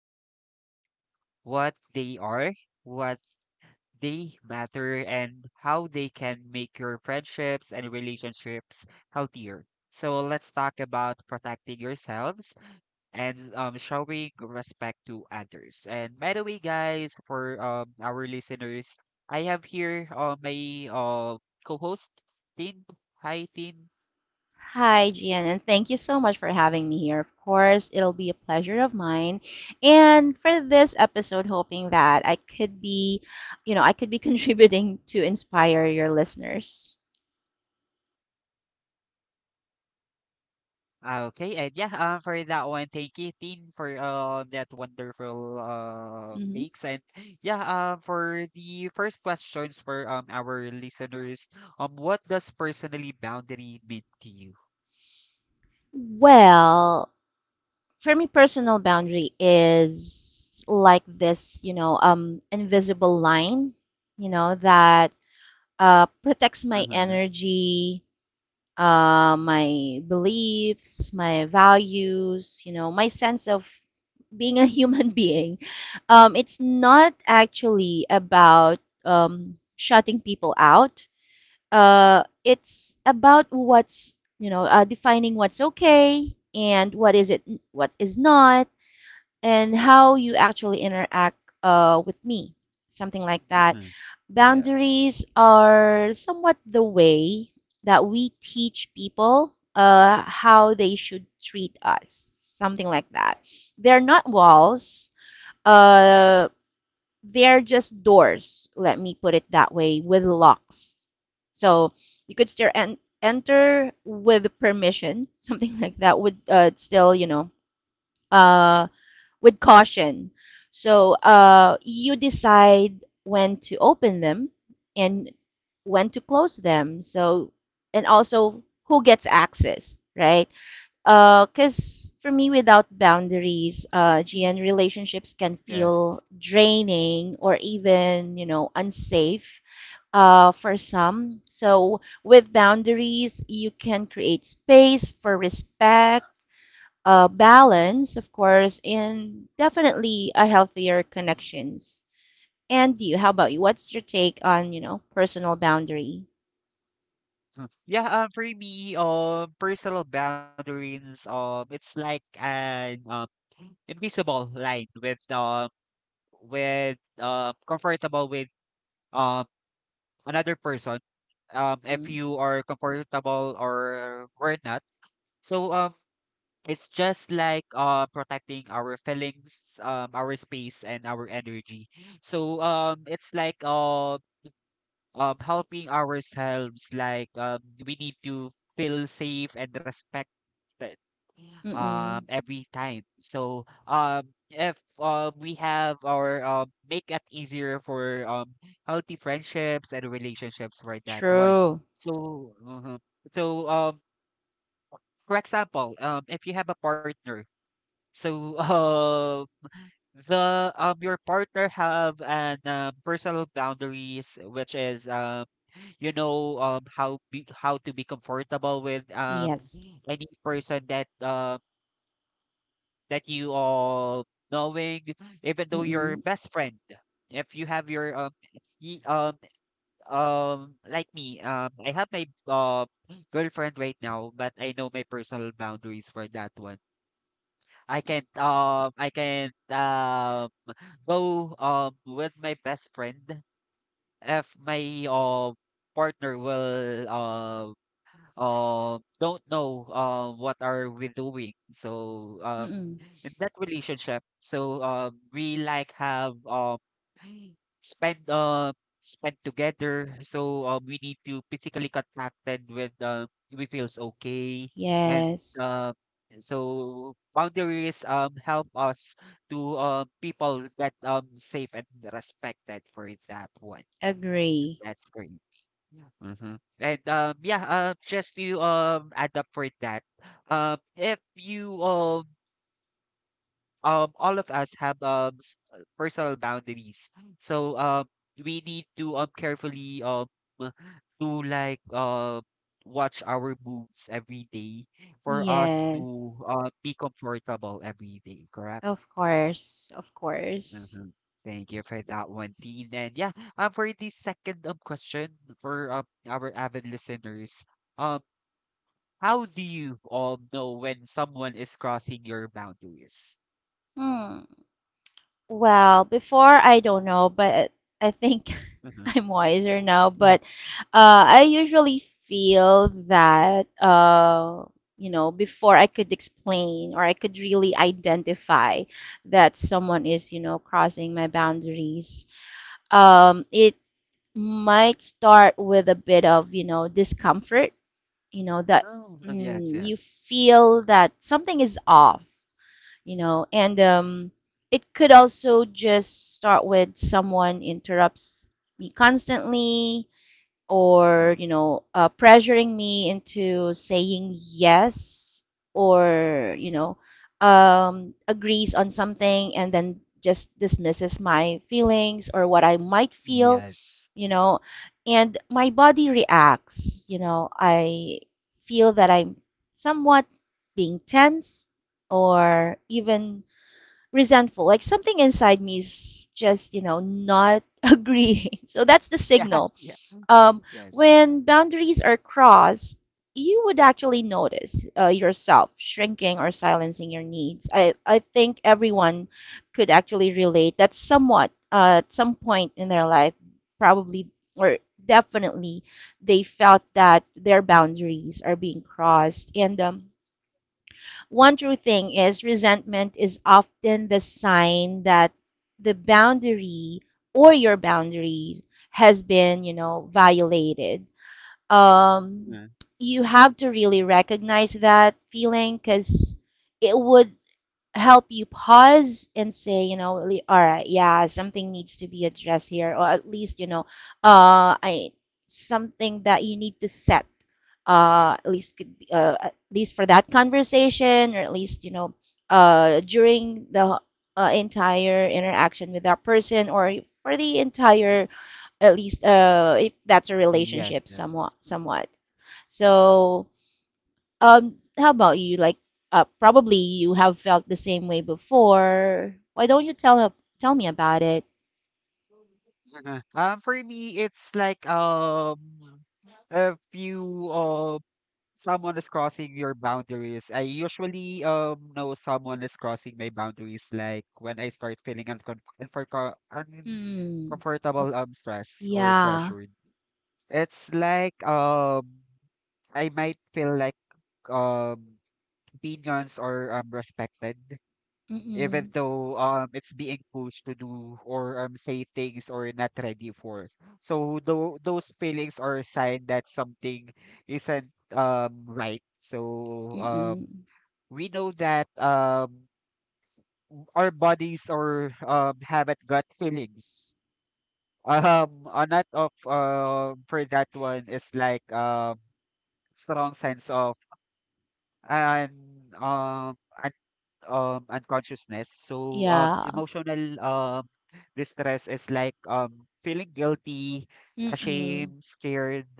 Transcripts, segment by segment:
and respect, what they are, what they matter, and how they can make your friendships and relationships healthier. So let's talk about protecting yourselves and showing respect to others. And by the way, guys, for our listeners, I have here my co-host, Tin. Hi, Tin. Hi, Gian, and thank you so much for having me here. Of course, it'll be a pleasure of mine. And for this episode, hoping that I could be, I could be contributing to inspire your listeners. Ah, okay, and yeah, for that one, thank you, Tin, for that wonderful Mhm. takes. And yeah, for the first questions for our listeners, what does personally boundary mean to you? Well, for me, personal boundary is like this, you know, invisible line, you know, that protects my Mm-hmm. energy, my beliefs, my values, you know, my sense of being a human being. It's not actually about shutting people out. It's about, what's you know, defining what's okay and what is it, what is not, and how you actually interact with me, something like that. Mm-hmm. Yes. Boundaries are somewhat the way that we teach people how they should treat us, something like that. They're not walls, uh, they're just doors, let me put it that way, with locks. So you could still enter with permission, something like that, would still, you know, uh, with caution. So you decide when to open them and when to close them. So, and also who gets access, right? Because for me, without boundaries, Mhm. GN relationships can feel Yes. draining or even, you know, unsafe for some. So, with boundaries, you can create space for respect, Mhm. balance, of course, and definitely a healthier connections. And you, how about you? What's your take on, you know, personal boundary? Mm. Yeah, for me, personal boundaries, it's like an invisible line with with comfortable with um another person, if Mm. you are comfortable or not. So it's just like protecting our feelings, our space, and our energy. So it's like helping ourselves. Like we need to feel safe and respected every Mm-mm. time. So if we have our make it easier for healthy friendships and relationships for that one. True. So so um for example, if you have a partner, so the your partner have an personal boundaries which is you know how to be comfortable with Yes. any person that that you all knowing, even though your Mm-mm. best friend. If you have your y- um, like me, I have my girlfriend right now, but I know my personal boundaries for that one. I can't go with my best friend if my partner will don't know what are we doing. So Mm-mm. in that relationship, so we like have spend spend together. So we need to physically contacted with if it feels okay and Yes. uh, so boundaries help us to people get safe and respected for that one. Mm, Agree. that's great. Mm-hmm. And yeah, just to add up for that, if you all of us have personal boundaries, so we need to carefully to like watch our moves every day for us to Yes. Be comfortable every day, correct? Of course. Of course. Mhm. Thank you for that one, Dean. And yeah, for the second question for our avid listeners, um, how do you all know when someone is crossing your boundaries? Hmm. Well, before I don't know, but I think Mm-hmm. I'm wiser now. Yeah. But I usually feel that, you know, before I could explain or I could really identify that someone is, you know, crossing my boundaries. It might start with a bit of, you know, discomfort. You know that, Oh, yes, mm, you yes. feel that something is off, you know. And it could also just start with someone interrupts me constantly or, Mhm. you know, pressuring me into saying yes, or you know, agrees on something and then just dismisses my feelings or what I might feel, Yes. you know. And my body reacts, you know, I feel that I'm somewhat being tense or even resentful, like something inside me is just, you know, not agreeing. So that's the Yeah, signal. yeah. Mm-hmm. um, Yes. when boundaries are crossed, you would actually notice yourself shrinking or silencing your needs. I think everyone could actually relate that somewhat at some point in their life, probably or definitely, they felt that their boundaries are being crossed. And one true thing is resentment is often the sign that the boundary or your boundaries has been, you know, violated. um, Mhm. you have to really recognize that feeling because it would help you pause and say, you know, really, all right, yeah, something needs to be addressed here, or at least, you know, I something that you need to set. At least could be, at least for that conversation, or at least you know, during the entire interaction with that person, or for the entire, at least, if that's a Yes, relationship, somewhat, yes. somewhat. So, how about you? Like, probably you have felt the same way before. Why don't you tell me about it? Uh huh. For me, it's like if you someone is crossing your boundaries. I usually know someone is crossing my boundaries like when I start feeling Hmm. Nope. uncomfortable, stress or Yeah. pressured. It's like I might feel like um opinions or respected even Mm-mm. though it's being pushed to do or say things or not ready for. So those feelings are a sign that something isn't right. So Mm-mm. we know that our bodies or haven't got feelings. A lot of for that one is like strong sense of and um unconsciousness. So Yeah. emotional distress is like feeling guilty, Mm-mm. ashamed, scared,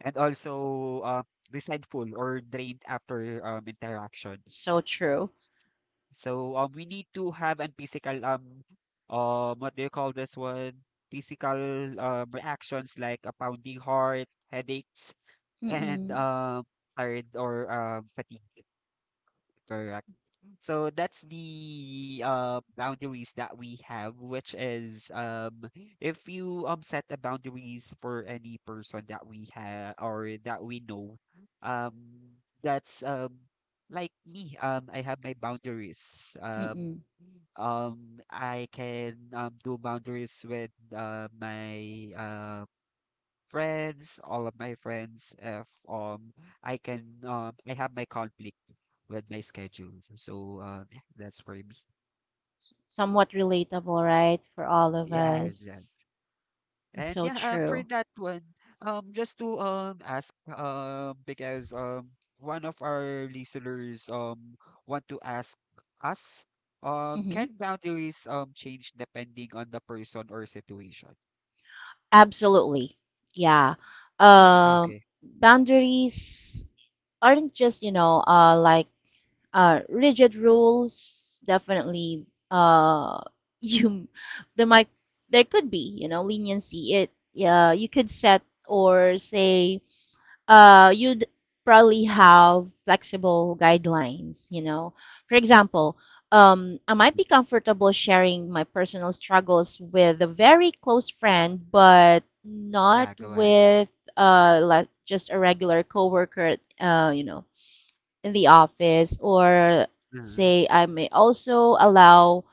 and also um resentful or drained after interactions. So true. So we need to have an physical what do you call this one? Physical reactions like a pounding heart, headaches, and Mm-mm. Tired or fatigue. Correct. So that's the boundaries that we have, which is if you set the boundaries for any person that we have or that we know, um, that's like me. I have my boundaries. Mm-mm. um, I can do boundaries with my friends, all of my friends, if I can I have my conflict with my schedule. So yeah, that's for me. Somewhat relatable, right? For all of Yes, yes. us. And So yeah, for true. that one, just to ask because one of our listeners want to ask us Mm-hmm. can boundaries change depending on the person or situation? Absolutely. Yeah. Mm, Um, okay. Boundaries aren't just, you know, like rigid rules, definitely. Uh, you there might, there could be, you know, leniency. It Yeah, you could set or say, you'd probably have flexible guidelines. You know, for example. I might be comfortable sharing my personal struggles with a very close friend, but not Yeah, go ahead. with like just a regular coworker. You know, in the office, or Mhm, say I may also allow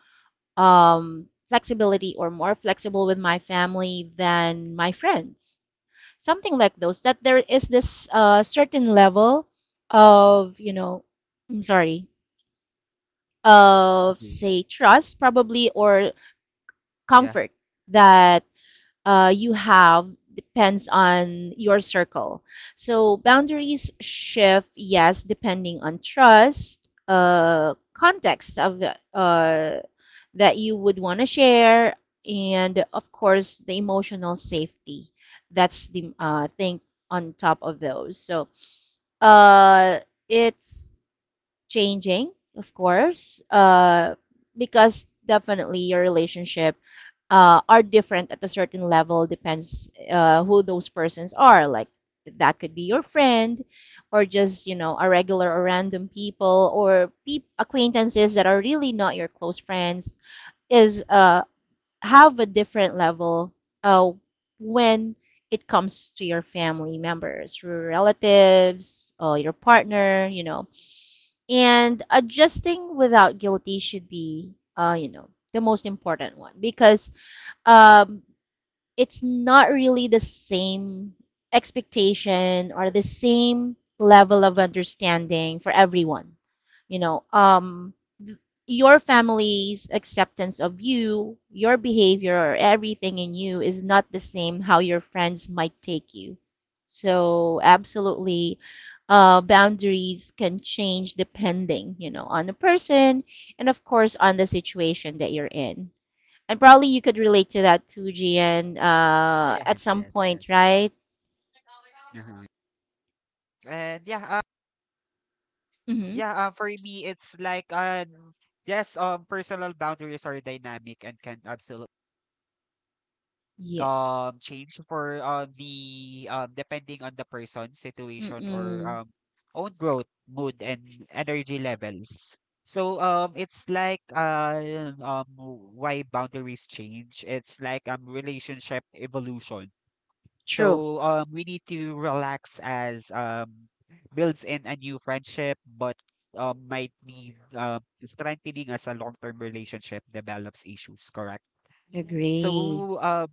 flexibility or more flexible with my family than my friends. Something like those, that there is this certain level of, you know, I'm sorry, of mhm. say trust probably or Yeah. comfort that you have depends on your circle. So boundaries shift, yes, depending on trust, context of the, that you would want to share, and of course the emotional safety. That's the thing on top of those. So uh, it's changing, of course, because definitely your relationship are different at a certain level, depends who those persons are. Like that could be your friend, or just, you know, a regular or random people, or acquaintances that are really not your close friends. Is have a different level uh, when it comes to your family members, your relatives, or your partner, you know. And adjusting without guilty should be, you know, the most important one because um, it's not really the same expectation or the same level of understanding for everyone. You know, th- your family's acceptance of you, your behavior, or everything in you is not the same how your friends might take you. So, absolutely, boundaries can change depending, you know, on the person and, of course, on the situation that you're in. And probably you could relate to that too, Gian, at Yes, some yes, point, yes. right? Hmm. And yeah, Mm-hmm. yeah, for me, it's like yes, personal boundaries are dynamic and can absolutely Yeah. Change for the depending on the person, situation, or Mm-mm. Own growth, mood, and energy levels. So it's like why boundaries change. It's like relationship evolution. True. So we need to relax as builds in a new friendship, but might need strengthening as a long-term relationship develops issues, correct? Agree. So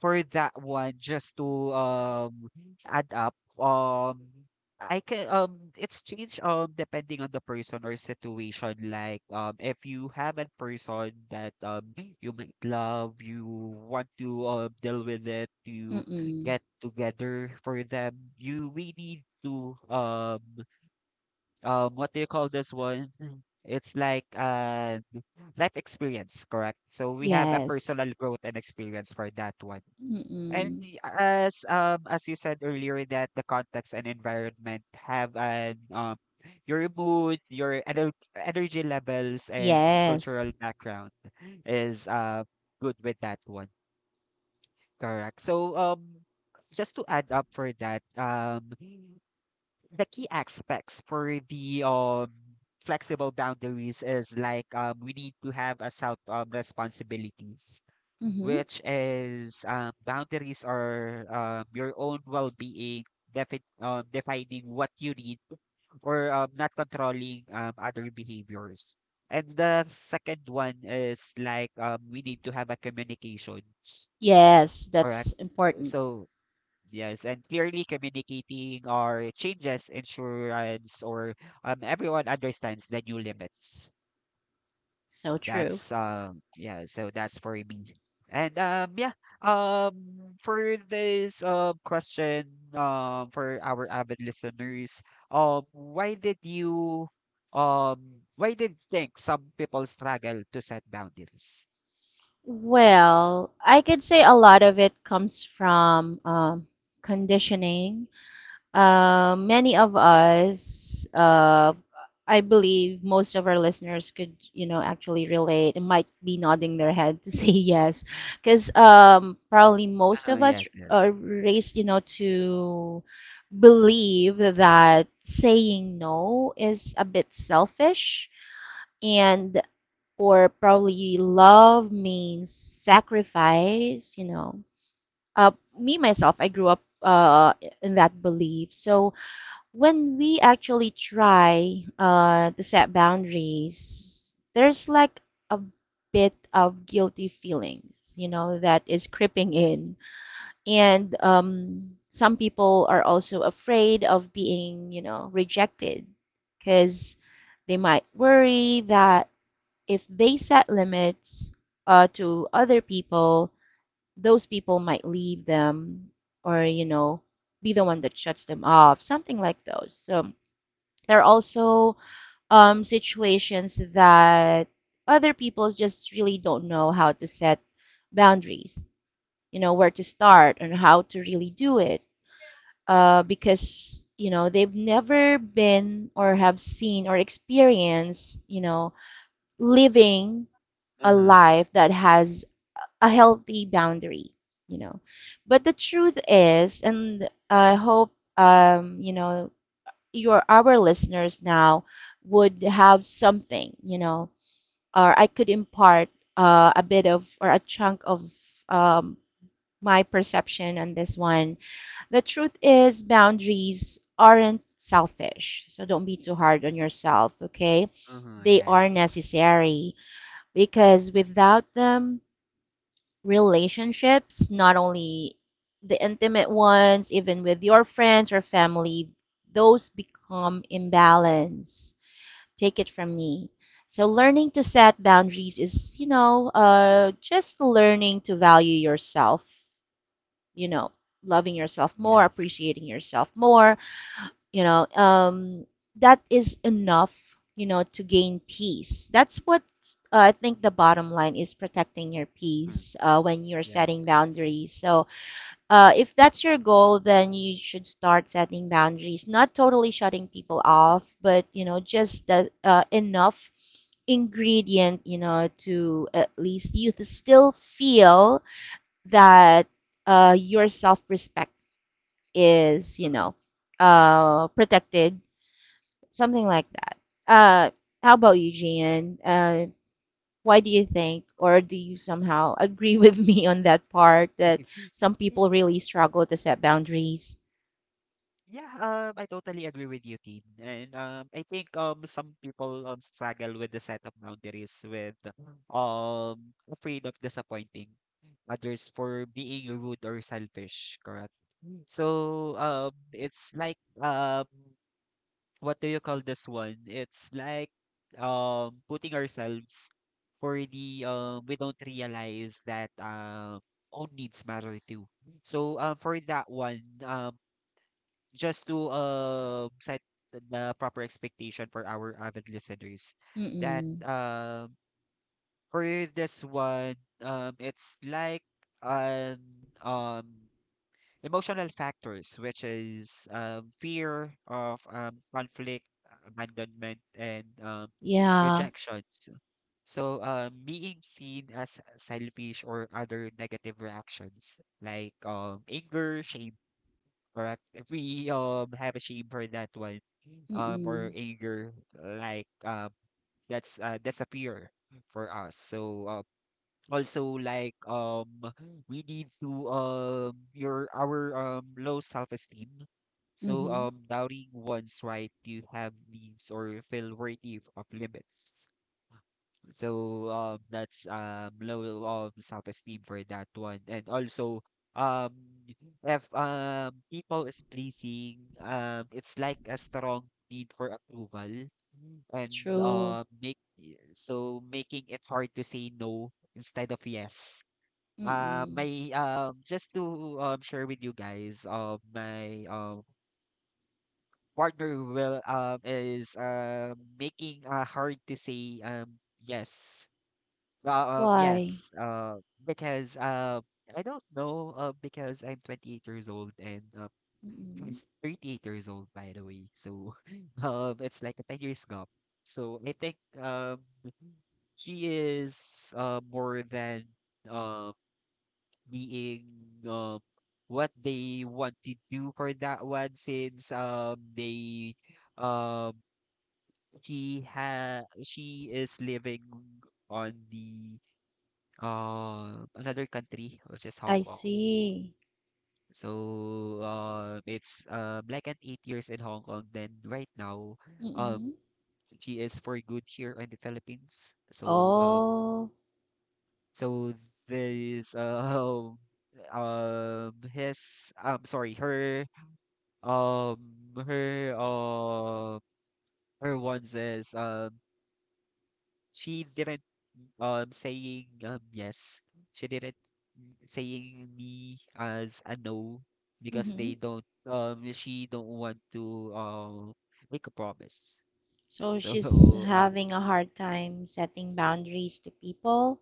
for that one, just to add up, I can it's changed depending on the person or situation. Like if you have a person that you might love, you want to deal with it, you Mm-mm. get together for them, you really need to what do you call this one? It's like life experience, correct? So we have a Yes. personal growth and experience for that one. And Mm-mm. As you said earlier that the context and environment have an your mood, your energy levels and cultural Yes. background is good with that one. Correct. So just to add up for that, the key aspects for the flexible boundaries is like we need to have a self responsibilities Mm-hmm. which is boundaries are your own well-being, defining what you need, or not controlling other behaviors. And the second one is like we need to have a communications. Yes, Correct. that's important. So yes, and clearly communicating our changes, insurance, or everyone understands the new limits. So true. That's yeah, so that's for me. And yeah, um for this question for our avid listeners, um why did you why did you think some people struggle to set boundaries? Well, I could say a lot of it comes from conditioning. Many of us, I believe most of our listeners could, you know, actually relate and might be nodding their head to say yes. Because probably most Uh-huh, of us yes, are yes. raised, you know, to believe that saying no is a bit selfish and or probably love means sacrifice, you know. Uh, Me myself, I grew up in that belief. So when we actually try to set boundaries, there's like a bit of guilty feelings, you know, that is creeping in. And some people are also afraid of being, you know, rejected because they might worry that if they set limits to other people, those people might leave them or, you know, be the one that shuts them off, something like those. So there are also situations that other people just really don't know how to set boundaries, you know, where to start and how to really do it because, you know, they've never been or have seen or experienced, you know, living a Uh-huh. life that has a healthy boundary, you know. But the truth is, and I hope, you know, your our listeners now would have something, you know, or I could impart a bit of or a chunk of um, my perception on this one. The truth is, boundaries aren't selfish, so don't be too hard on yourself, okay? Uh-huh, They are yes. necessary because without them, relationships, not only the intimate ones, even with your friends or family, those become imbalance. Take it from me. So learning to set boundaries is, you know, just learning to value yourself, you know, loving yourself more, Yes. appreciating yourself more, you know, that is enough, you know, to gain peace. That's what, I think the bottom line is protecting your Uh-huh, peace when you're yes, setting yes. boundaries. So if that's your goal, then you should start setting boundaries, not totally shutting people off, but you know, just the enough ingredient, you know, to at least you to still feel that your self-respect is, you Uh-huh, know, yes. Protected, something like that. Uh, how about you, Gian? Why do you think, or do you somehow agree with me on that part that some people really struggle to set boundaries? Yeah, I totally agree with you, Tin. And I think some people struggle with the set of boundaries, with afraid of disappointing others for being rude or selfish. Correct. Mm. So it's like what do you call this one? It's like putting ourselves for the we don't realize that own needs matter too. So for that one, just to set the proper expectation for our avid listeners that Mm-mm. For this one, it's like an um emotional factors which is fear of conflict, abandonment, and Yeah. rejections, so being seen as selfish or other negative reactions like anger, shame. Correct. If we have a shame for that one, or Mm-mm. anger, like that's a fear for us. So also like we need to your our low self esteem. So Mm-hmm. Doubting one's right to have needs or feel worthy of limits. So that's low self-esteem for that one. And also um if people is pleasing, it's like a strong need for approval and True. Make so making it hard to say no instead of yes. Mm-mm. My, just to share with you guys, my partner will, is making hard to say yes, Why? yes, because I don't know, because I'm 28 years old and Mm-mm. he's 38 years old, by the way. So it's like a 10 years gap. So I think um, she is more than uh, being uh, what they want to do for that one since they um, she is living on the another country, which is Hong I Kong. see. So it's like an 8 years in Hong Kong. Then right now, Mm-mm. um, she is for good here in the Philippines. So Oh. so this his sorry, her um her uh her ones is she didn't, saying, yes. She didn't saying me as a no because Mm-hmm. they don't, she don't want to, make a promise. So So, she's um, having a hard time setting boundaries to people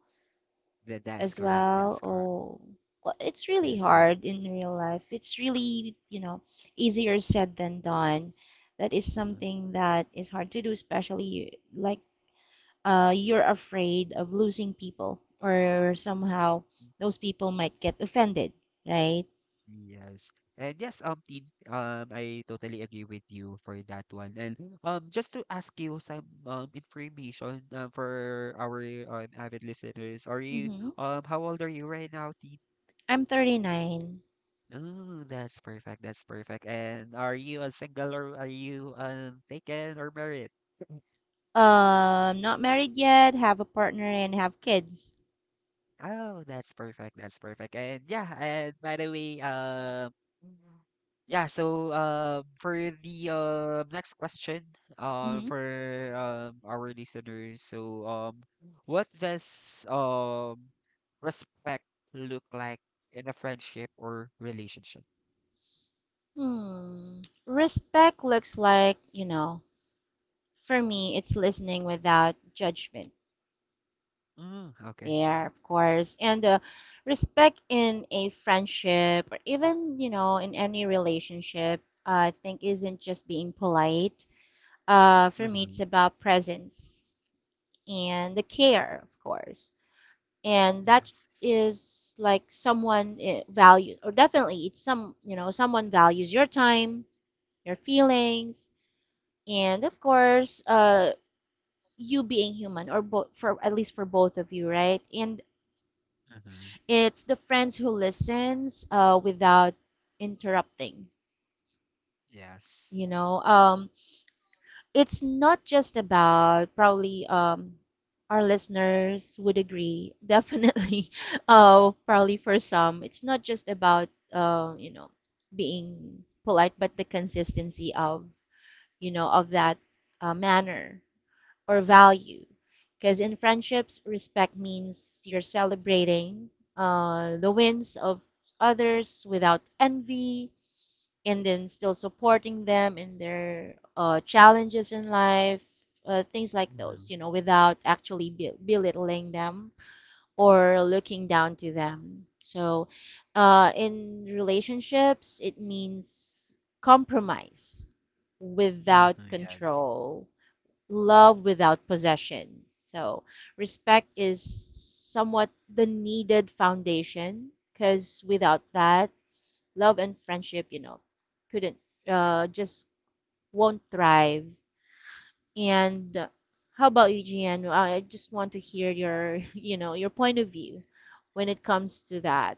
that that's as correct. well. That's correct. Oh, well, it's really That's hard correct. in real life. It's really, you know, easier said than done. That is Uh-huh. something that is hard to do, especially like you're afraid of losing people or somehow those people might get offended, right? Yes. And yes, Tin, I totally agree with you for that one. And just to ask you some information, for our avid listeners, are you Hmm. How old are you right now, Tin? I'm 39. Oh, that's perfect. That's perfect. And are you a single or are you taken or married? Not married yet, have a partner and have kids. Oh, that's perfect, that's perfect. And by the way, for the next question, Mm-hmm. for our listeners, what does respect look like in a friendship or relationship? Hmm. Respect looks like, you know, for me, it's listening without judgment Mm, okay. there, of course. And respect in a friendship or even, you know, in any relationship, I think isn't just being polite. For me, Mm-hmm. it's about presence and the care, of course. And that Yes. is like someone values, or definitely it's some, you know, someone values your time, your feelings, and of course you being human or both, for at least for both of you, right? And Mm-hmm. it's the friends who listens without interrupting, Yes. you know. It's not just about probably, our listeners would agree, definitely probably for some, it's not just about you know, being polite, but the consistency of, you know, of that manner or value. Because in friendships, respect means you're celebrating the wins of others without envy, and then still supporting them in their challenges in life, things like Mm-hmm. those, you know, without actually belittling them or looking down to them. So in relationships, it means compromise without Mm-hmm. Yes. control, love without possession. So respect is somewhat the needed foundation, because without that, love and friendship, you know, couldn't, just won't thrive. And How about you, Gian? Well, I just want to hear your, you know, your point of view when it comes to that.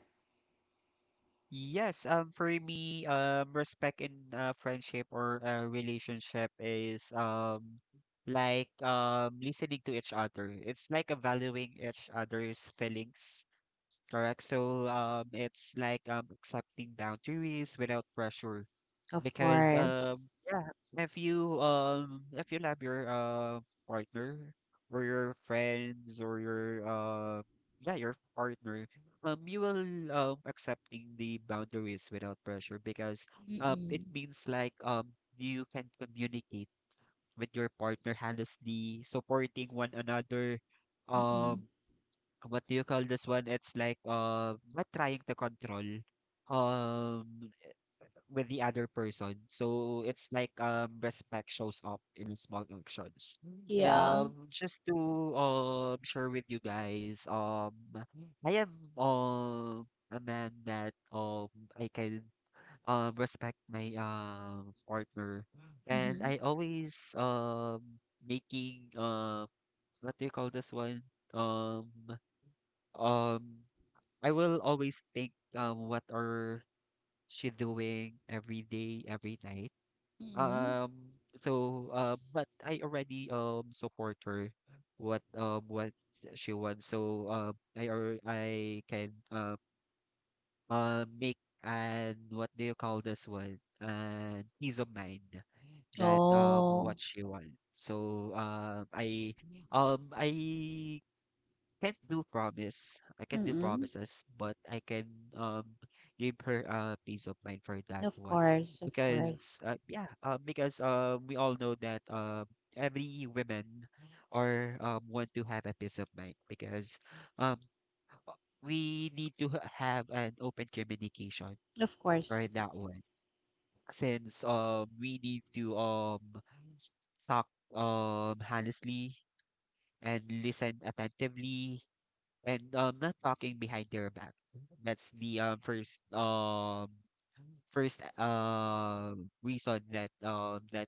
Yes, for me, respect in friendship or a relationship is like listening to each other. It's like valuing each other's feelings, correct? So it's like accepting boundaries without pressure Of because course. Yeah, if you love your partner or your friends or your yeah, your partner, you will accepting the boundaries without pressure because it Mm-mm. means like you can communicate with your partner honestly, supporting one another. Mm-mm. um what do you call this one? It's like not trying to control um with the other person. So it's like respect shows up in small actions. Mm. Yeah. Just to share with you guys, I am a man that I can respect my partner, and Mm-hmm. I always making what do you call this one? Um um I will always think what are she doing every day, every night. Mm-mm. But I already support her what she wants. So I or I can make and what do you call this one? And peace of mind that Oh. what she wants. So I can't do promise. I can't do Mm-mm. promises, but I can um give her a peace of mind for that Of one course, of because course. Yeah, because we all know that every women or want to have a peace of mind because um we need to have an open communication Of course. for that one, since we need to talk honestly and listen attentively and not talking behind their back. That's the first reason that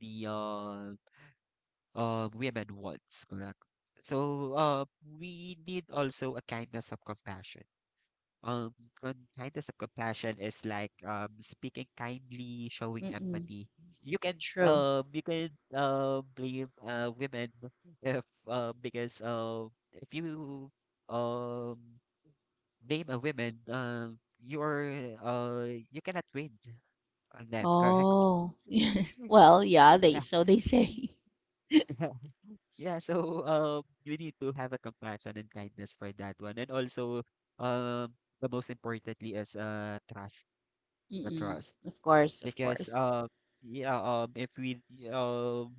the women wants, correct? So we need also a kindness of compassion. Um and kindness of compassion is like speaking kindly, showing Mm-mm. empathy. True. You can blame women if because if you um name a woman, you're uh, you cannot win on them, correct? Oh, well, yeah, they Yeah, so they say. yeah. So you need to have a compassion and kindness for that one, and also um, the most importantly is trust, the Mm-mm. trust, Of course, of because course. Yeah, if we um,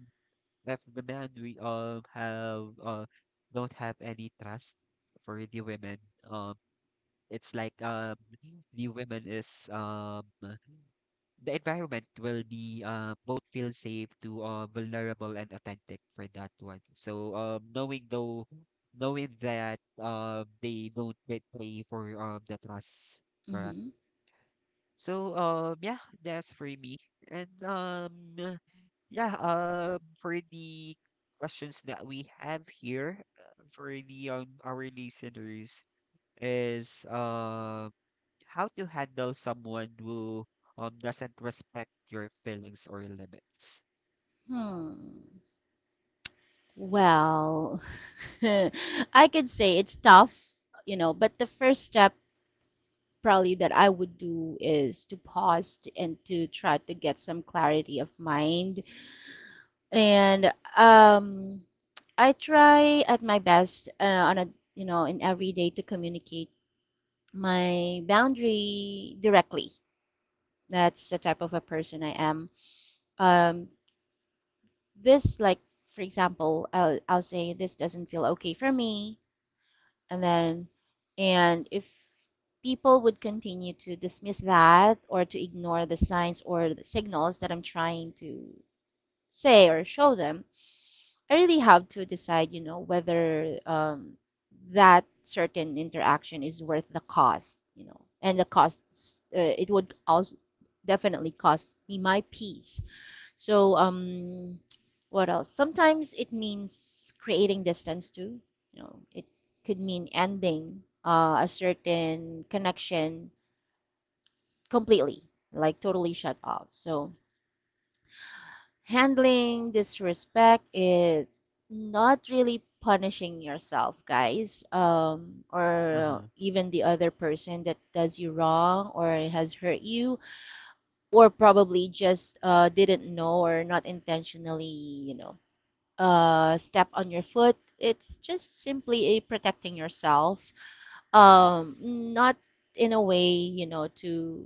if the man we have don't have any trust for the women, um it's like the women is the environment will be both feel safe to vulnerable and authentic for that one. So knowing that they don't betray for the trust, correct. Hmm. So yeah, that's for me. And yeah, for the questions that we have here, for the our listeners is how to handle someone who doesn't respect your feelings or limits. Hmm. Well, I could say it's tough, you know, but the first step probably that I would do is to pause and to try to get some clarity of mind. And I try at my best on a, you know, in every day to communicate my boundary directly. That's the type of a person I am. Um, this, like, for example, I'll say this doesn't feel okay for me. And then, and if people would continue to dismiss that or to ignore the signs or the signals that I'm trying to say or show them, I really have to decide, you know, whether that certain interaction is worth the cost, you know, and the costs, it would also definitely cost me my peace. So, what else? Sometimes it means creating distance too. You know, it could mean ending a certain connection completely, like totally shut off. So handling disrespect is not really punishing yourself, guys, or Uh-huh. even the other person that does you wrong or has hurt you, or probably just didn't know or not intentionally, you know, step on your foot. It's just simply a protecting yourself, Yes. not in a way, you know, to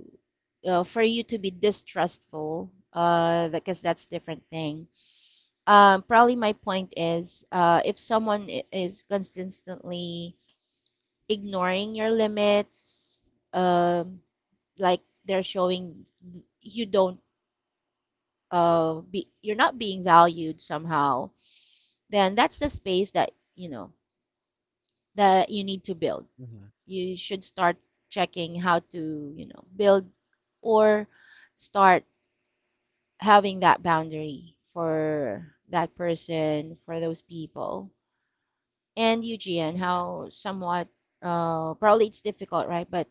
for you to be distrustful, because that's different thing. Um, probably my point is if someone is consistently ignoring your limits, like they're showing you don't be you're not being valued somehow, then that's the space that you know that you need to build. Uh-huh. You should start checking how to, you know, build or start having that boundary for that person, for those people. And Eugene, how Yes. somewhat probably it's difficult, right? But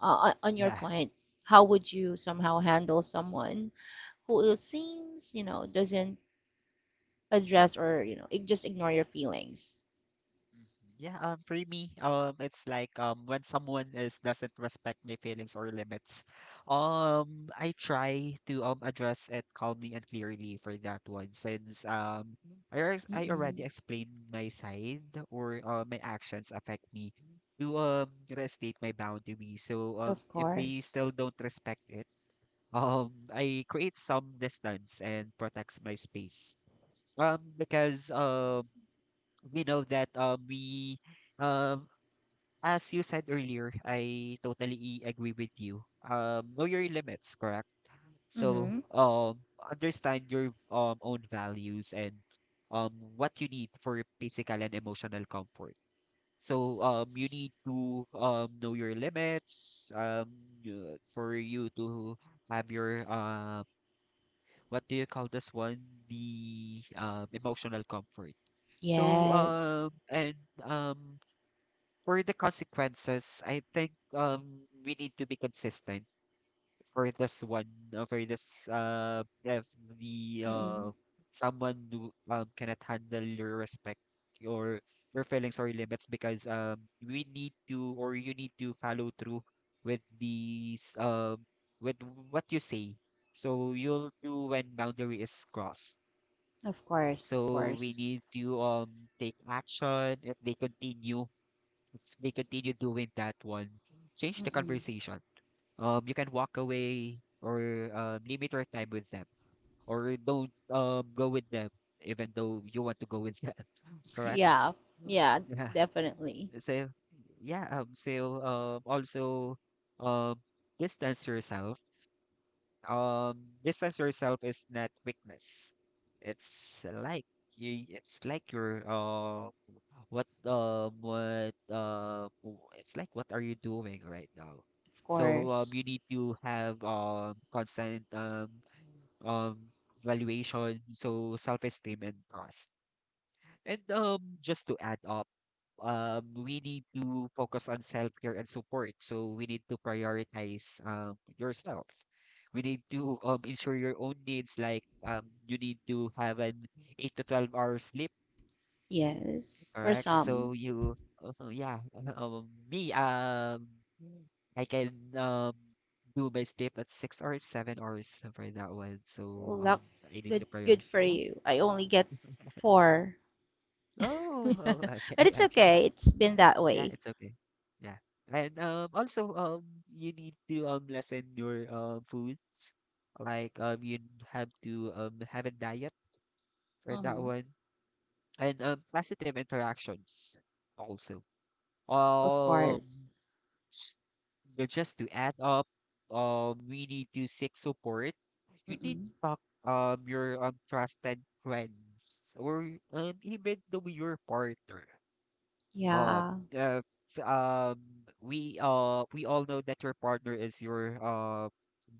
on your Yeah. point, how would you somehow handle someone who seems, you know, doesn't address or, you know, just ignore your feelings? Mhm. Yeah, for me, it's like when someone is doesn't respect my feelings or limits, I try to address it calmly and clearly for that one, since I already, I Mm-mm, already explained my side, or my actions affect me to restate my boundary. So of if they course. still don't respect it, I create some distance and protects my space. Because we know that we um as you said earlier, I totally agree with you. Know your limits, correct? So Mm-hmm. Understand your own values and what you need for physical and emotional comfort. So you need to know your limits for you to have your what do you call this one? The emotional comfort. So Yes. And um for the consequences, I think we need to be consistent for this one, for this if the Mm-mm, someone who cannot handle your respect or your feelings or limits because we need to, or you need to follow through with these with what you say. So you'll do when boundary is crossed. of course, of So we course. need to take action if they continue doing that one, change the Mm-mm. conversation. You can walk away or limit your time with them, or don't go with them, even though you want to go with them. Correct? Yeah, Mm. yeah, Yeah. definitely. So yeah. Also um. distance yourself, distance yourself is not weakness. It's like it's like your it's like what are you doing right now? Of So course. you need to have constant um valuation, so self-esteem and trust. And just to add up, we need to focus on self-care and support. So we need to prioritize yourself. We need to ensure your own needs, like you need to have an 8 to 12 hour sleep, Yes, for correct? some. So you, uh, yeah, um, me, um, I can do my sleep at 6 or 7 hours for that one. So Luck, I need good, to prioritize. good for Yeah. you. I only get four, Oh, oh, okay, but it's okay. okay. It's been Mm. that Yeah, way. it's okay. Yeah. And also you need to lessen your foods. Like you have to have a diet for that Mm-hmm. one. And positive interactions also. Of course. Um s- just to add up, we need to seek support. You need Mm-mm. to talk your trusted friends or even the your partner. Uh, Yeah. uh, f- um, we all know that your partner is your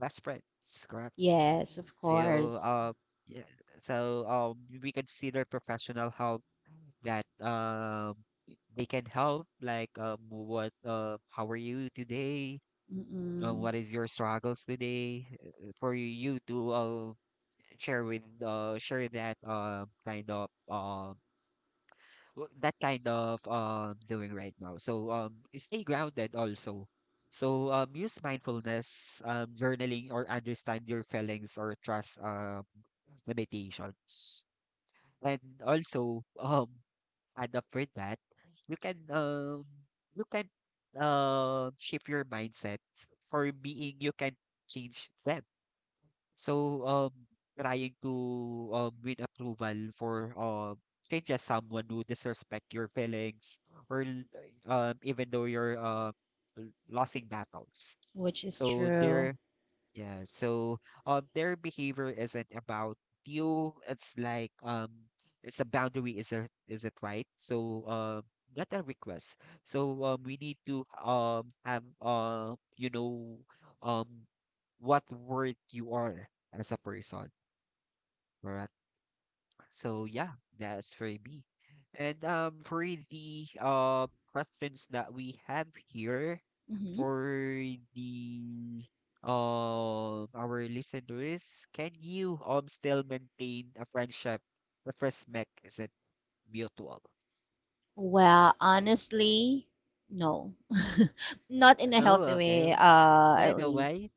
best friend, correct? Yes, of So course. Yeah, so we consider professional help that they can help, like what how are you today? Mm-mm. What is your struggles today? For you to share that kind of that kind of doing right now. So stay grounded also. So use mindfulness, journaling, or understand your feelings or trust limitations. And also add up for that, you can you can shift your mindset for being you can change them. So, trying to win approval for say just someone who disrespect your feelings or even though you're losing battles. Which is So true. they're Yeah, so their behavior isn't about you. It's like it's a boundary. Is there, is it right? So not a request. So we need to have you know um what word you are as a person, correct? So yeah, that's for me. And for the questions that we have here Mm-hmm. for the our listeners, can you still maintain a friendship with respect? Is it mutual? Well, honestly, no. Not in a Oh, healthy okay. way, By at the way, least.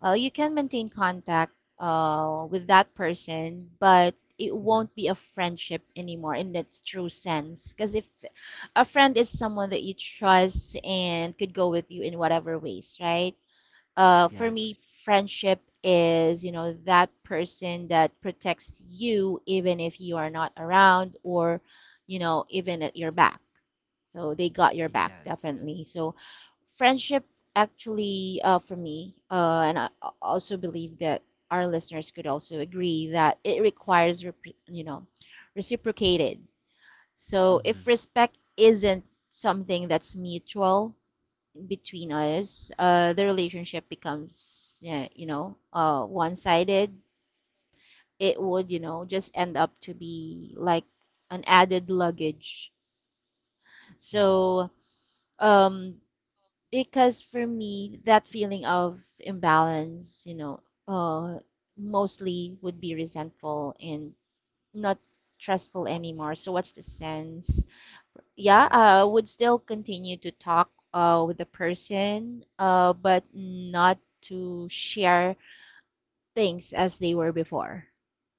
Well, you can maintain contact with that person, but it hmm, won't be a friendship anymore in its true sense. Because if a friend is someone that you trust and could go with you in whatever ways, right? For me, yes, friendship is, you know, that person that protects you even if you are not around or, you know, even at your back. So they got your back, yes, definitely. So friendship actually, for me, and I also believe that our listeners could also agree that it requires, you know, reciprocated. So if mm-hmm. respect isn't something that's mutual between us, the relationship becomes, yeah, you know, one-sided. It would, you know, just end up to be like an added luggage. Mm-hmm. So, um, because for me, that feeling of imbalance, you know, uh, mostly would be resentful and not trustful anymore. So what's the sense? Yeah, I Yes, would still continue to talk with the person, but not to share things as they were before,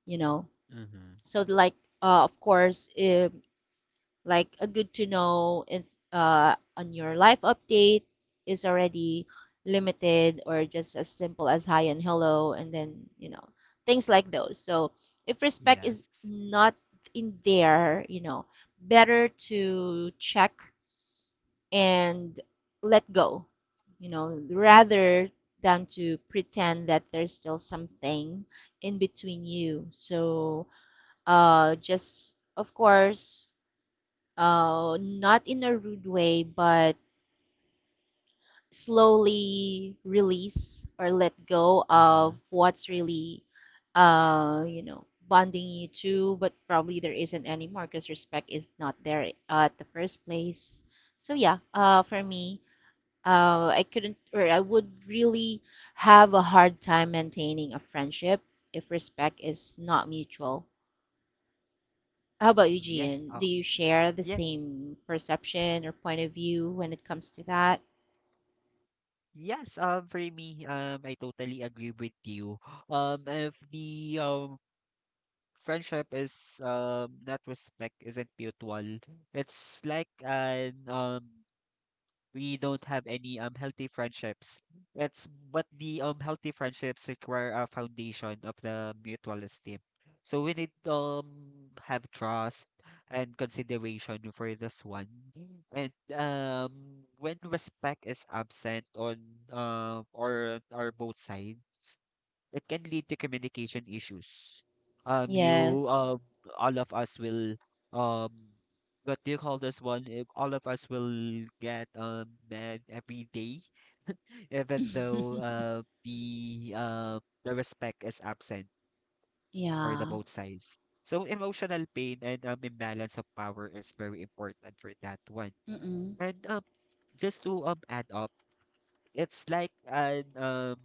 you know. mm-hmm. So like, of course, if, like, a good to know if on your life update is already limited or just as simple as hi and hello, and then, you know, things like those. So if respect is Yes, not in there, you know, better to check and let go, you know, rather than to pretend that there's still something in between you. So, just of course, not in a rude way, but slowly release or let go mm-hmm. of what's really, you know, bonding you two. But probably there isn't anymore because respect is not there at the first place. So yeah, for me, I couldn't, or I would really have a hard time maintaining a friendship if respect is not mutual. How about you, Yeah, Gian? oh, Do you share the yeah. same perception or point of view when it comes to that? Yes, for me, I totally agree with you. If the friendship is not respect isn't mutual, it's like an we don't have any healthy friendships. It's but the healthy friendships require a foundation of the mutual esteem. So we need have trust and consideration for this one. And when respect is absent on or both sides, it can lead to communication issues. Um, you, Yes. um, all of us will, um, what do you call this one? If all of us will get mad every day, even though the respect is absent for the Yeah. both sides. So emotional pain and imbalance of power is very important for that one. Mm-mm. And just to add up, it's like an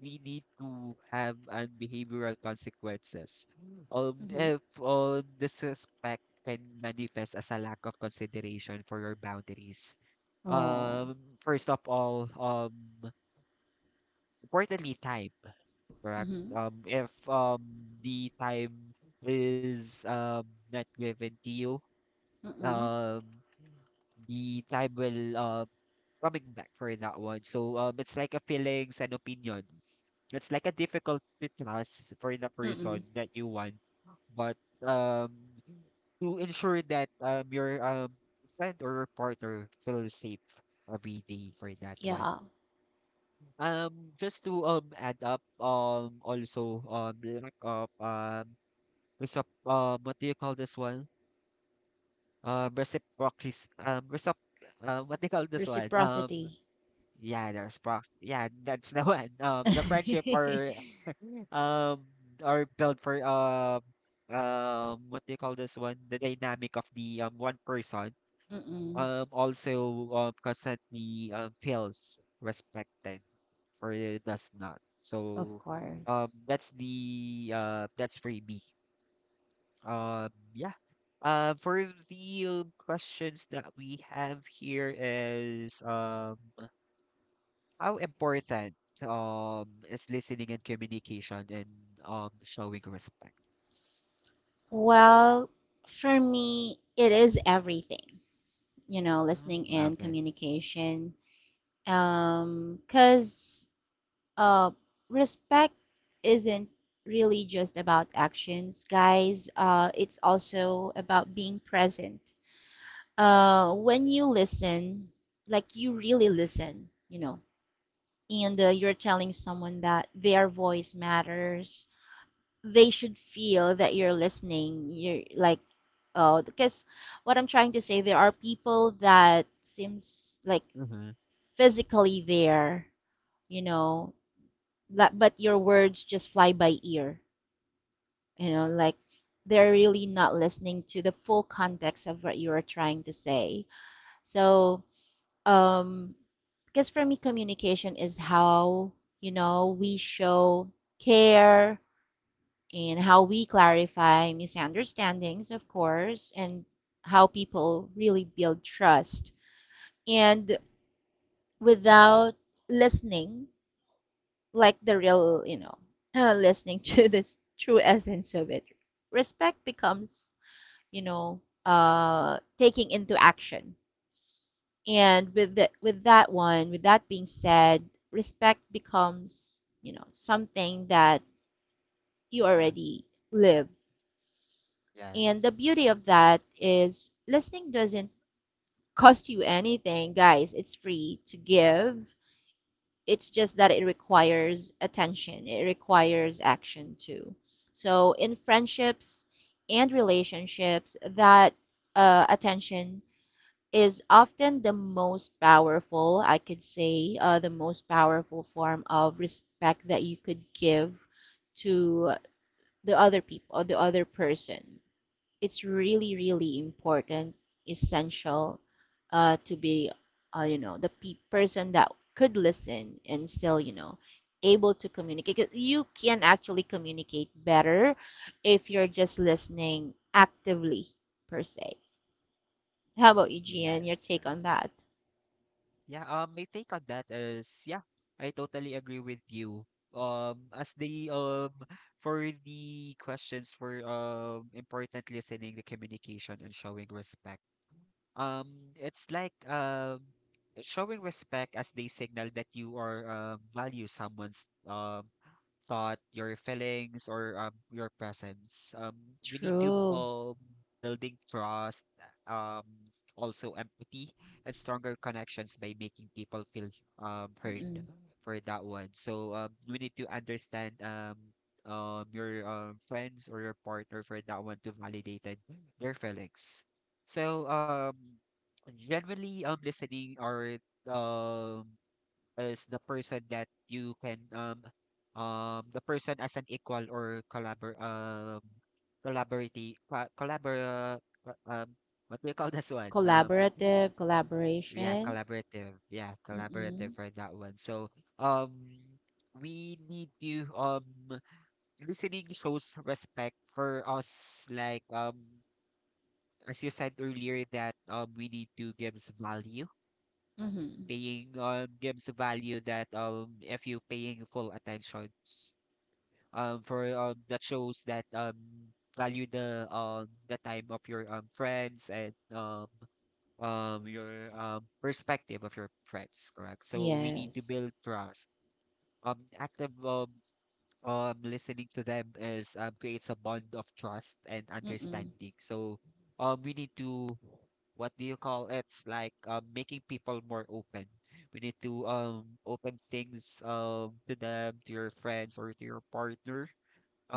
we need to have an behavioral consequences. Mm-hmm. If the suspect can manifest as a lack of consideration for your boundaries. Oh. First of all, importantly, time, correct? Mm-hmm. If the time is not given to you, Mm-mm. um, the time will coming back for that one. So it's like a feelings and opinion. It's like a difficult to trust for the person Mm-mm. that you want, but um, to ensure that your friend or your partner feels safe every day for that one. Yeah. Just to add up, also lack of resop what do you call this one? Reciprocity, resop what do you call this one? Reciprocity. Yeah, there's response. Yeah, that's the one. The friendship Mm-mm. or um or built for what do you call this one? The dynamic of the one person also constantly feels respected or it does not. Of So course. That's the that's for me. Yeah. For the questions that we have here is how important is listening and communication and showing respect? Well, for me, it is everything. You know, listening Mm, and okay. communication. Cause uh, respect isn't really just about actions, guys. It's also about being present. When you listen, like you really listen, you know, and you're telling someone that their voice matters, they should feel that you're listening. You're like, oh, because what I'm trying to say, there are people that seems like Mm-hmm. physically there, you know, that, but your words just fly by ear, you know, like they're really not listening to the full context of what you are trying to say. So, um, because for me, communication is how, you know, we show care and how we clarify misunderstandings, of course, and how people really build trust. And without listening, like the real, you know, listening to the true essence of it, respect becomes, you know, taking into action. And with the, with that one, with that being said, respect becomes, you know, something that you Hmm. already live. And the Yes. beauty of that is listening doesn't cost you anything, guys. It's free to give. It's just that it requires attention, it requires action too. So in friendships and relationships, that attention is often the most powerful, I could say, the most powerful form of respect that you could give to the other people or the other person. It's really, really important, essential to be, you know, the person that could listen and still, you know, able to communicate. 'Cause you can actually communicate better if you're just listening actively, per se. How about you, Gian? Your Yes, take yes. on that? Yeah, my take on that is yeah, I totally agree with you. As the for the questions for important listening, the communication and showing respect. It's like showing respect as they signal that you are value someone's thought, your feelings, or your presence. We need to True. Building trust, um, also empathy and stronger connections by making people feel heard Mm-mm. for that one. So we need to understand your friends or your partner for that one to validate their feelings. So generally, listening or um is the person that you can the person as an equal or collaborative co- um what do you call this one Collaborative, yeah, collaboration. collaborative, yeah, Mm-mm. collaborative for that one. So um we need to listening shows respect for us, like as you said earlier, that we need to give value, Mm-hmm. paying gives value, that if you paying full attention for that shows that value the time of your friends and your perspective of your friends, correct? So we need to Yes. build trust. Active, listening to them is creates a bond of trust and Mm-mm. understanding. So we need to, what do you call it? It's like making people more open. We need to open things to them, to your friends or to your partner,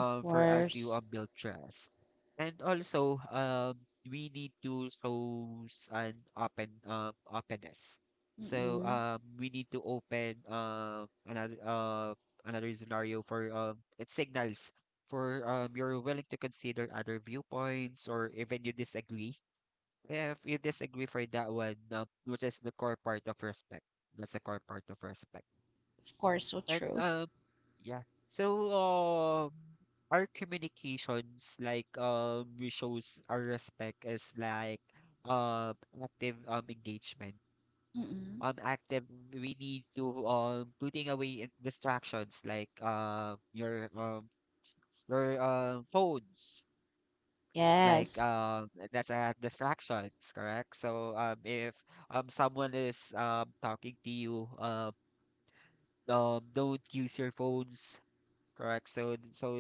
Of for us to course. Build trust. And also, we need to show an openness. So Mm-mm. We need to open another scenario for it signals for you're willing to consider other viewpoints or even you disagree. If you disagree for that one, which is the core part of respect. That's the core part of respect. Of course, so And true. Yeah. So, our communications, like, we shows our respect is like, um, active, engagement. Mm-mm. Active, we need to, putting away distractions like, your, phones. It's like, Yes. That's a distractions, correct? So, if, someone is, talking to you, don't use your phones. Correct. So so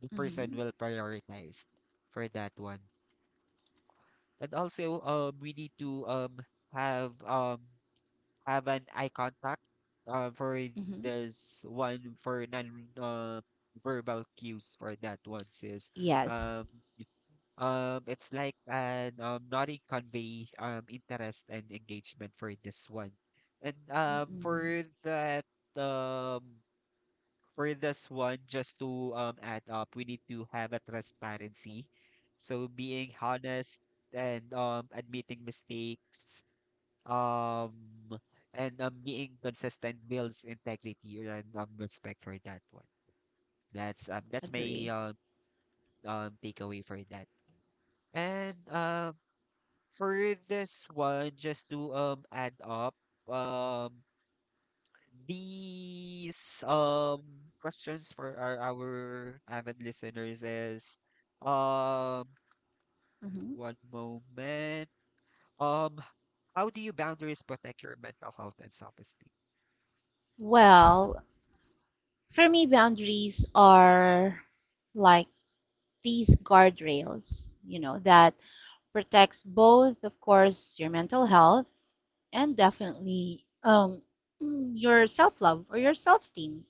the person Mm-hmm. will prioritize for that one. And also we need to have um have an eye contact for Mm-hmm. this one for non uh, verbal cues for that one, sis. Yes. Um it's like an nodding convey interest and engagement for this one. And Mm-mm. for that, um for this one, just to add up, we need to have a transparency. So being honest and admitting mistakes, um, and being consistent builds integrity and respect for that one. That's my Agree. Takeaway for that. And for this one, just to add up, um. These questions for our avid listeners is um Mm-hmm. one moment. Um, how do you boundaries protect your mental health and self-esteem? Well, for me, boundaries are like these guardrails, you know, that protects both, of course, your mental health and definitely your self-love or your self-esteem.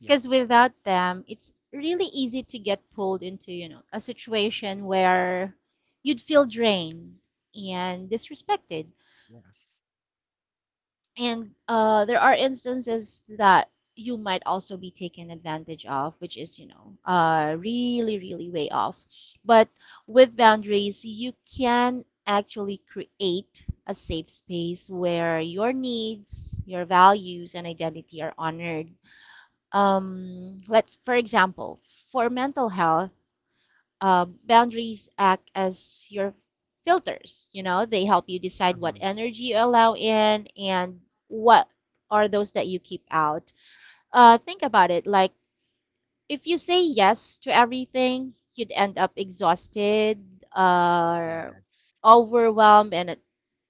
Yeah, Because without them, it's really easy to get pulled into, you know, a situation where you'd feel drained and disrespected. yes. And there are instances that you might also be taken advantage of, which is, you know, really, really way off. But with boundaries, you can actually create a safe space where your needs, your values, and identity are honored. Um, let's, for example, for mental health, boundaries act as your filters. You know, they help you decide what Mm-hmm. energy you allow in and what are those that you keep out. Uh, think about it: like, if you say yes to everything, you'd end up exhausted, uh, Yes. overwhelmed, and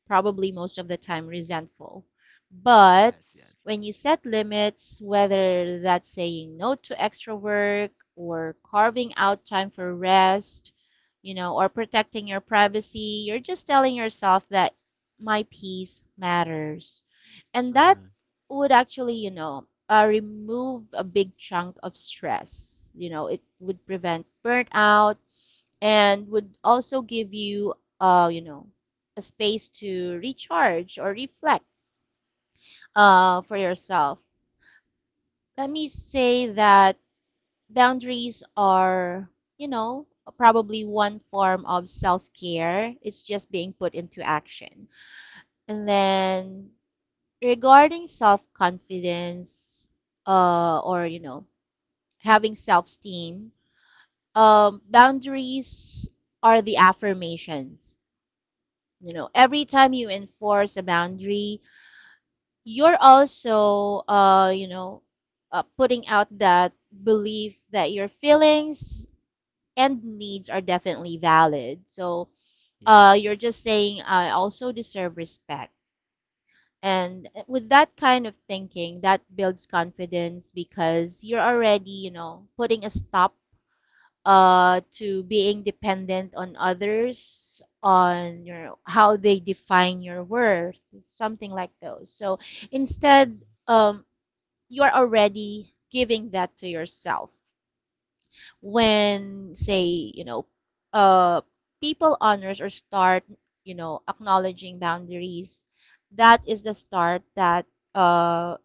probably most of the time resentful. But Yes, yes. when you set limits, whether that's saying no to extra work or carving out time for rest, you know, or protecting your privacy, you're just telling yourself that my peace matters. And that Mm-hmm. would actually, you know, remove a big chunk of stress. You know, it would prevent burnout and would also give you, you know, a space to recharge or reflect for yourself. Let me say that boundaries are, you know, probably one form of self care. It's just being put into action. And then regarding self confidence or, you know, having self esteem. Boundaries are the affirmations. You know, every time you enforce a Mm-hmm. boundary, you're also, you know, putting out that belief that your feelings and needs are definitely valid. So you're Yes. just saying, I also deserve respect. And with that kind of thinking, that builds confidence because you're already, you know, putting a stop to being dependent on others, on your how they define your worth, something like those. So instead, Mm-hmm. um, you are already giving that to yourself when say uh people honors or start, you know, acknowledging boundaries. That is the start that uh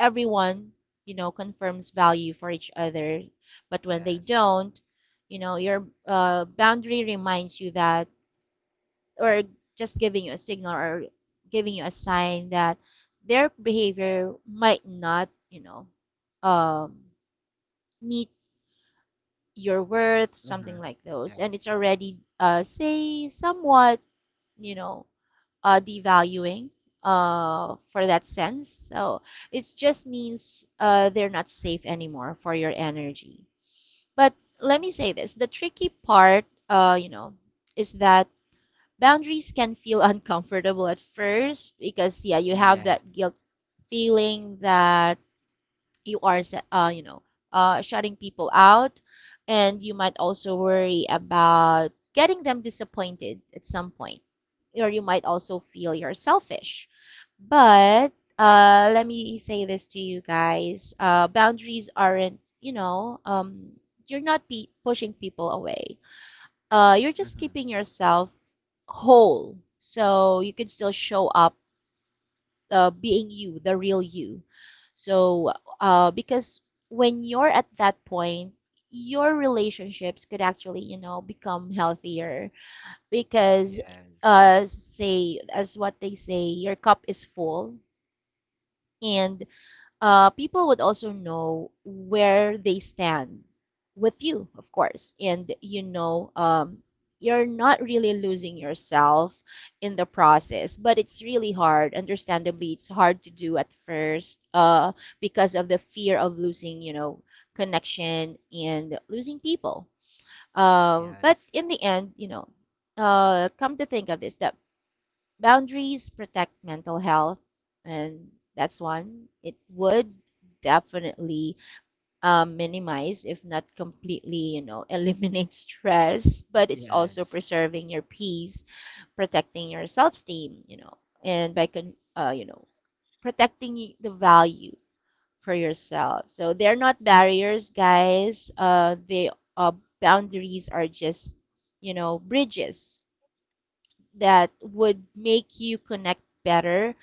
everyone, you know, confirms value for each other. But when they Yes. don't, you know, your boundary reminds you that, or just giving you a signal, or giving you a sign that their behavior might not, um, meet your worth, Mm-hmm. something like those. And it's Yes. already, say, somewhat, you know, devaluing for that sense. So it just means they're not safe anymore for your energy. But let me say this, the tricky part, you know, is that boundaries can feel uncomfortable at first because, yeah, you have Yeah. that guilt feeling that you are uh, you know shutting people out, and you might also worry about getting them disappointed at some point, or you might also feel you're selfish. But let me say this to you guys, boundaries aren't, you're not be pushing people away. You're just Mm-hmm. keeping yourself whole so you can still show up, being you, the real you. So, because when you're at that point, your relationships could actually, you know, become healthier because, Yes. Say, as what they say, your cup is full. And people would also know where they stand with you, of course. And you know, you're not really losing yourself in the process, but it's really hard. Understandably, it's hard to do at first because of the fear of losing, you know, connection and losing people. But Yes. in the end, you know, come to think of this, that boundaries protect mental health, and that's one. It would definitely, minimize, if not completely, you know, eliminate stress. But it's also Yes. preserving your peace, protecting your self-esteem, you know, and by, you know, protecting the value for yourself. So they're not barriers, guys. They uh, Boundaries are just, you know, bridges that would make you connect better,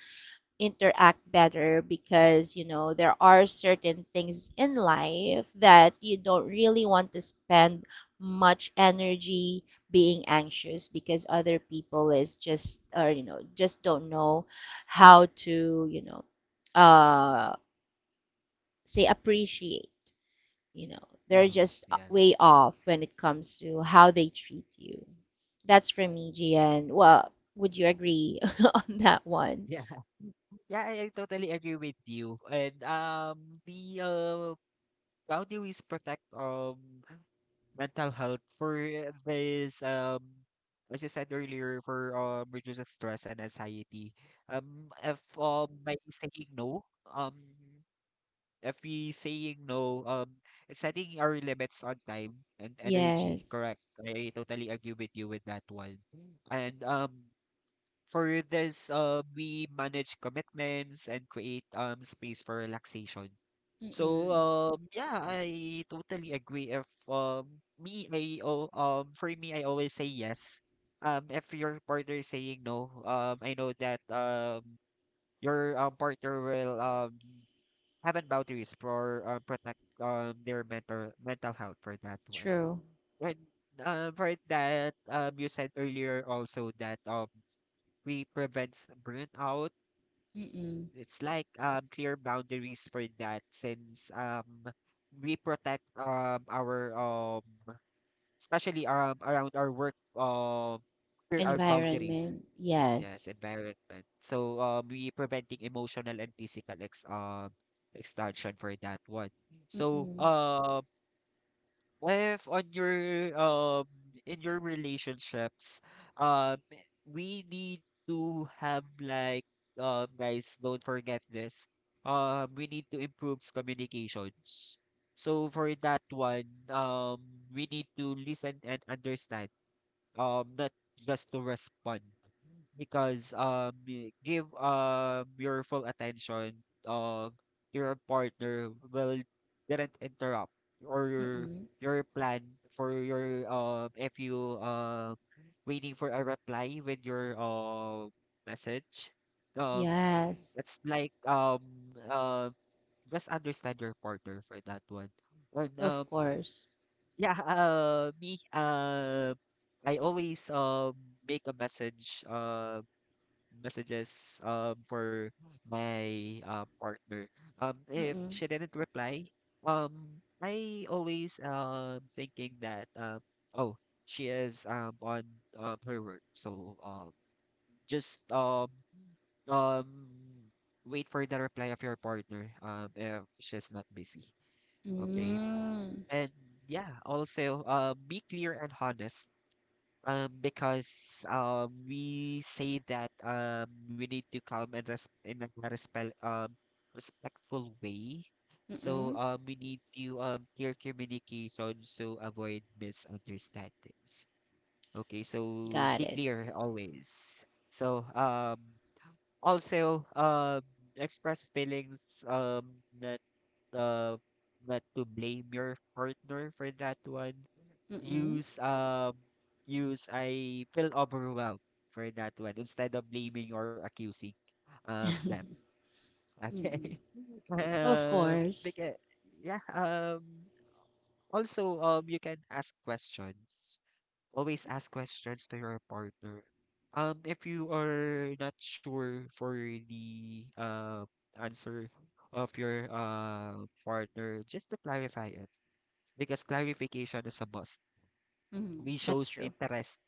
interact better, because you know there are certain things in life that you don't really want to spend much energy being anxious because other people is just, or you know, just don't know how to, uh say, appreciate. You know, they're Mm-hmm. just Yes. way off when it comes to how they treat you. That's for me, Gian. Well, would you agree on that one? Yeah. Yeah, I totally agree with you. And the how do we protect mental health for this as you said earlier, for reduces stress and anxiety. If by saying no, if we saying no, it's setting our limits on time and energy. Yes. Correct. I totally agree with you with that one. And. For this, we manage commitments and create space for relaxation. So Mm-mm. Yeah, I totally agree. If me I oh, For me, I always say yes. If your partner is saying no, I know that your partner will have an boundaries for protect their mental health for that one. True. And for that, you said earlier also that we prevents burnout. Mm-mm. It's like clear boundaries for that, since we protect our, especially around our work, clear our boundaries. Environment. Yes, Yes. environment. So we preventing emotional and physical ex extortion for that one. So Mm-mm. If on your in your relationships, um we need to have, like, guys, don't forget this. We need to improve communications. So for that one, we need to listen and understand, not just to respond, because give your full attention. uh your partner will didn't interrupt or your Mm-mm. your plan for your if you waiting for a reply with your message, um Yes. it's like uh, just understand your partner for that one. And Of course. yeah, me, I always make messages for my partner. If Mm-mm. she didn't reply, I always thinking that, oh she is on her work, so just um wait for the reply of your partner, if she's not busy. Okay, Mm. and yeah, also, be clear and honest. Because we say that we need to calm and res in a respect respectful way. Mm-mm. So we need to clear communication, so avoid misunderstandings. Okay, so Got be it. clear always. So also express feelings, that uh not to blame your partner for that one. Mm-mm. Use um use "I feel overwhelmed" for that one instead of blaming or accusing them. Mm-mm. Okay. Of course. Because yeah, also you can ask questions. Always ask questions to your partner. If you are not sure for the answer of your partner, just to clarify it, because clarification is a must. Mm. We That's shows true. interest,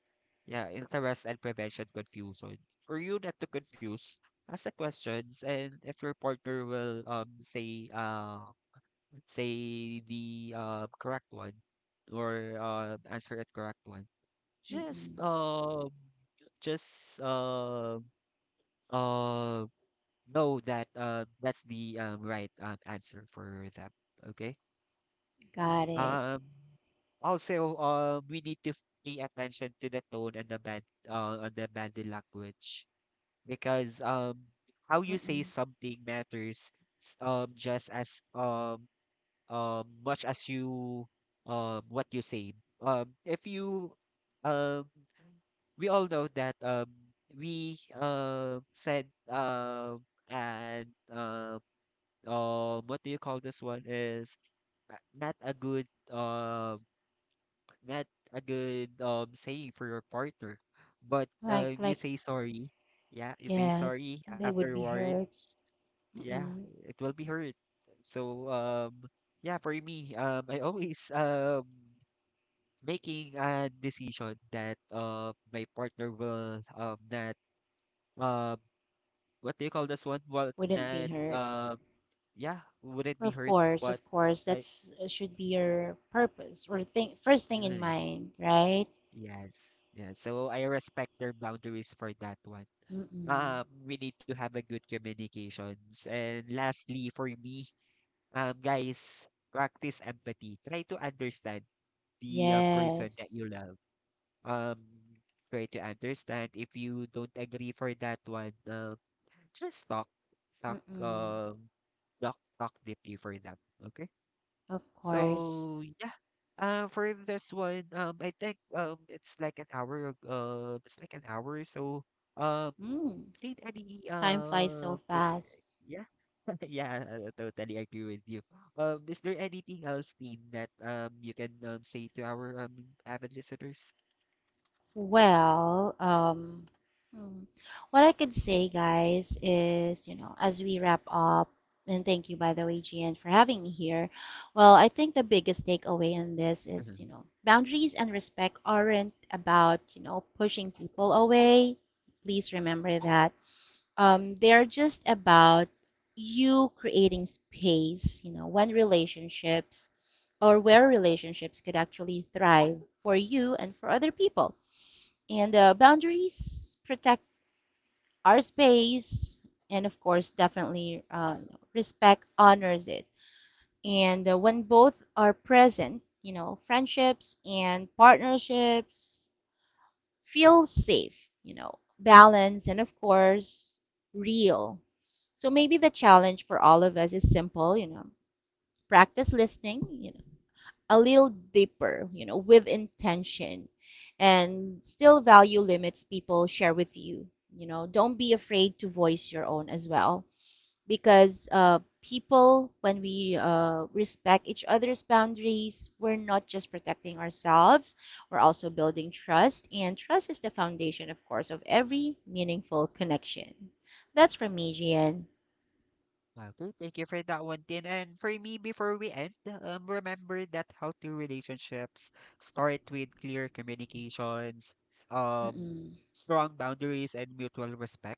yeah, interest and prevention confusion. For you not to confuse, ask the questions, and if your partner will say the correct one or answer it correct one, just Mm-mm. um just uh know that that's the right answer for that. Okay. Mm. Got it. Also we need to pay attention to the tone and the bad and the body language, because how you say Mm-mm. something matters just as much as you, what you say. If you um we all know that we said, and what do you call this one, is uh, not a good um not a good saying for your partner, but you Like, say sorry. Yeah, you say yes, sorry they would be hurt. afterwards. Yeah, Mm-mm. it will be hurt. So yeah, for me, I always making a decision that my partner will not, uh what do you call this one? Well, Wouldn't be that, hurt. Yeah, wouldn't be Of hurt, course, but of course. I. That's, should be your purpose or thing, first thing in Mm, mind, right? yes, yeah. So I respect their boundaries for that one. Mm-mm. We need to have a good communications. And lastly, for me, guys, practice empathy. Try to understand the, person that Yes. you love. Um, Try to understand if you don't agree for that one. Just talk, talk. Mm-mm. Talk deeply for them. Okay. Of course. So yeah. For this one, I think it's like an hour. It's like an hour. So um, Mm. need any Time flies so fast. yeah, yeah, I totally agree with you. Is there anything else, Dean, that you can say to our avid listeners? Well, hmm. what I could say, guys, is, you know, as we wrap up, and thank you, by the way, GN for having me here. Well, I think the biggest takeaway in this is, you know, boundaries and respect aren't about, you know, pushing people away. Please remember that. They're just about you creating space, you know, when relationships or where relationships could actually thrive for you and for other people. And boundaries protect our space, and of course, definitely respect honors it. And when both are present, you know, friendships and partnerships feel safe, you know, balance, and of course, real. So maybe the challenge for all of us is simple, you know, practice listening, you know, a little deeper, you know, with intention, and still value limits people share with you. You know, don't be afraid to voice your own as well because people, when we, respect each other's boundaries, we're not just protecting ourselves, we're also building trust. And trust is the foundation, of course, of every meaningful connection. That's from me, Gian. Okay, thank you for that one, Tin. And for me, before we end, remember that healthy relationships start with clear communications, um, Mm-mm. strong boundaries, and mutual respect.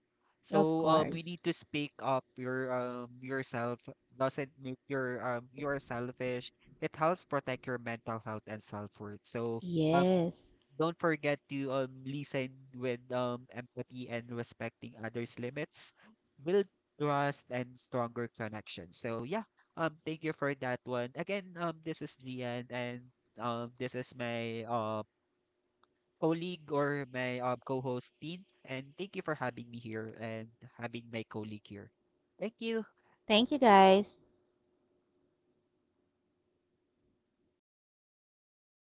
Of So we course. need to speak up. Yourself doesn't make your you're selfish. It helps protect your mental health and self worth. So um, Yes. don't forget to listen with empathy, and respecting others' limits build trust and stronger connection. So yeah, thank you for that one. Again, this is Lian, and this is my colleague, or my co-host Tin, and thank you for having me here and having my colleague here. Thank you. Thank you, guys.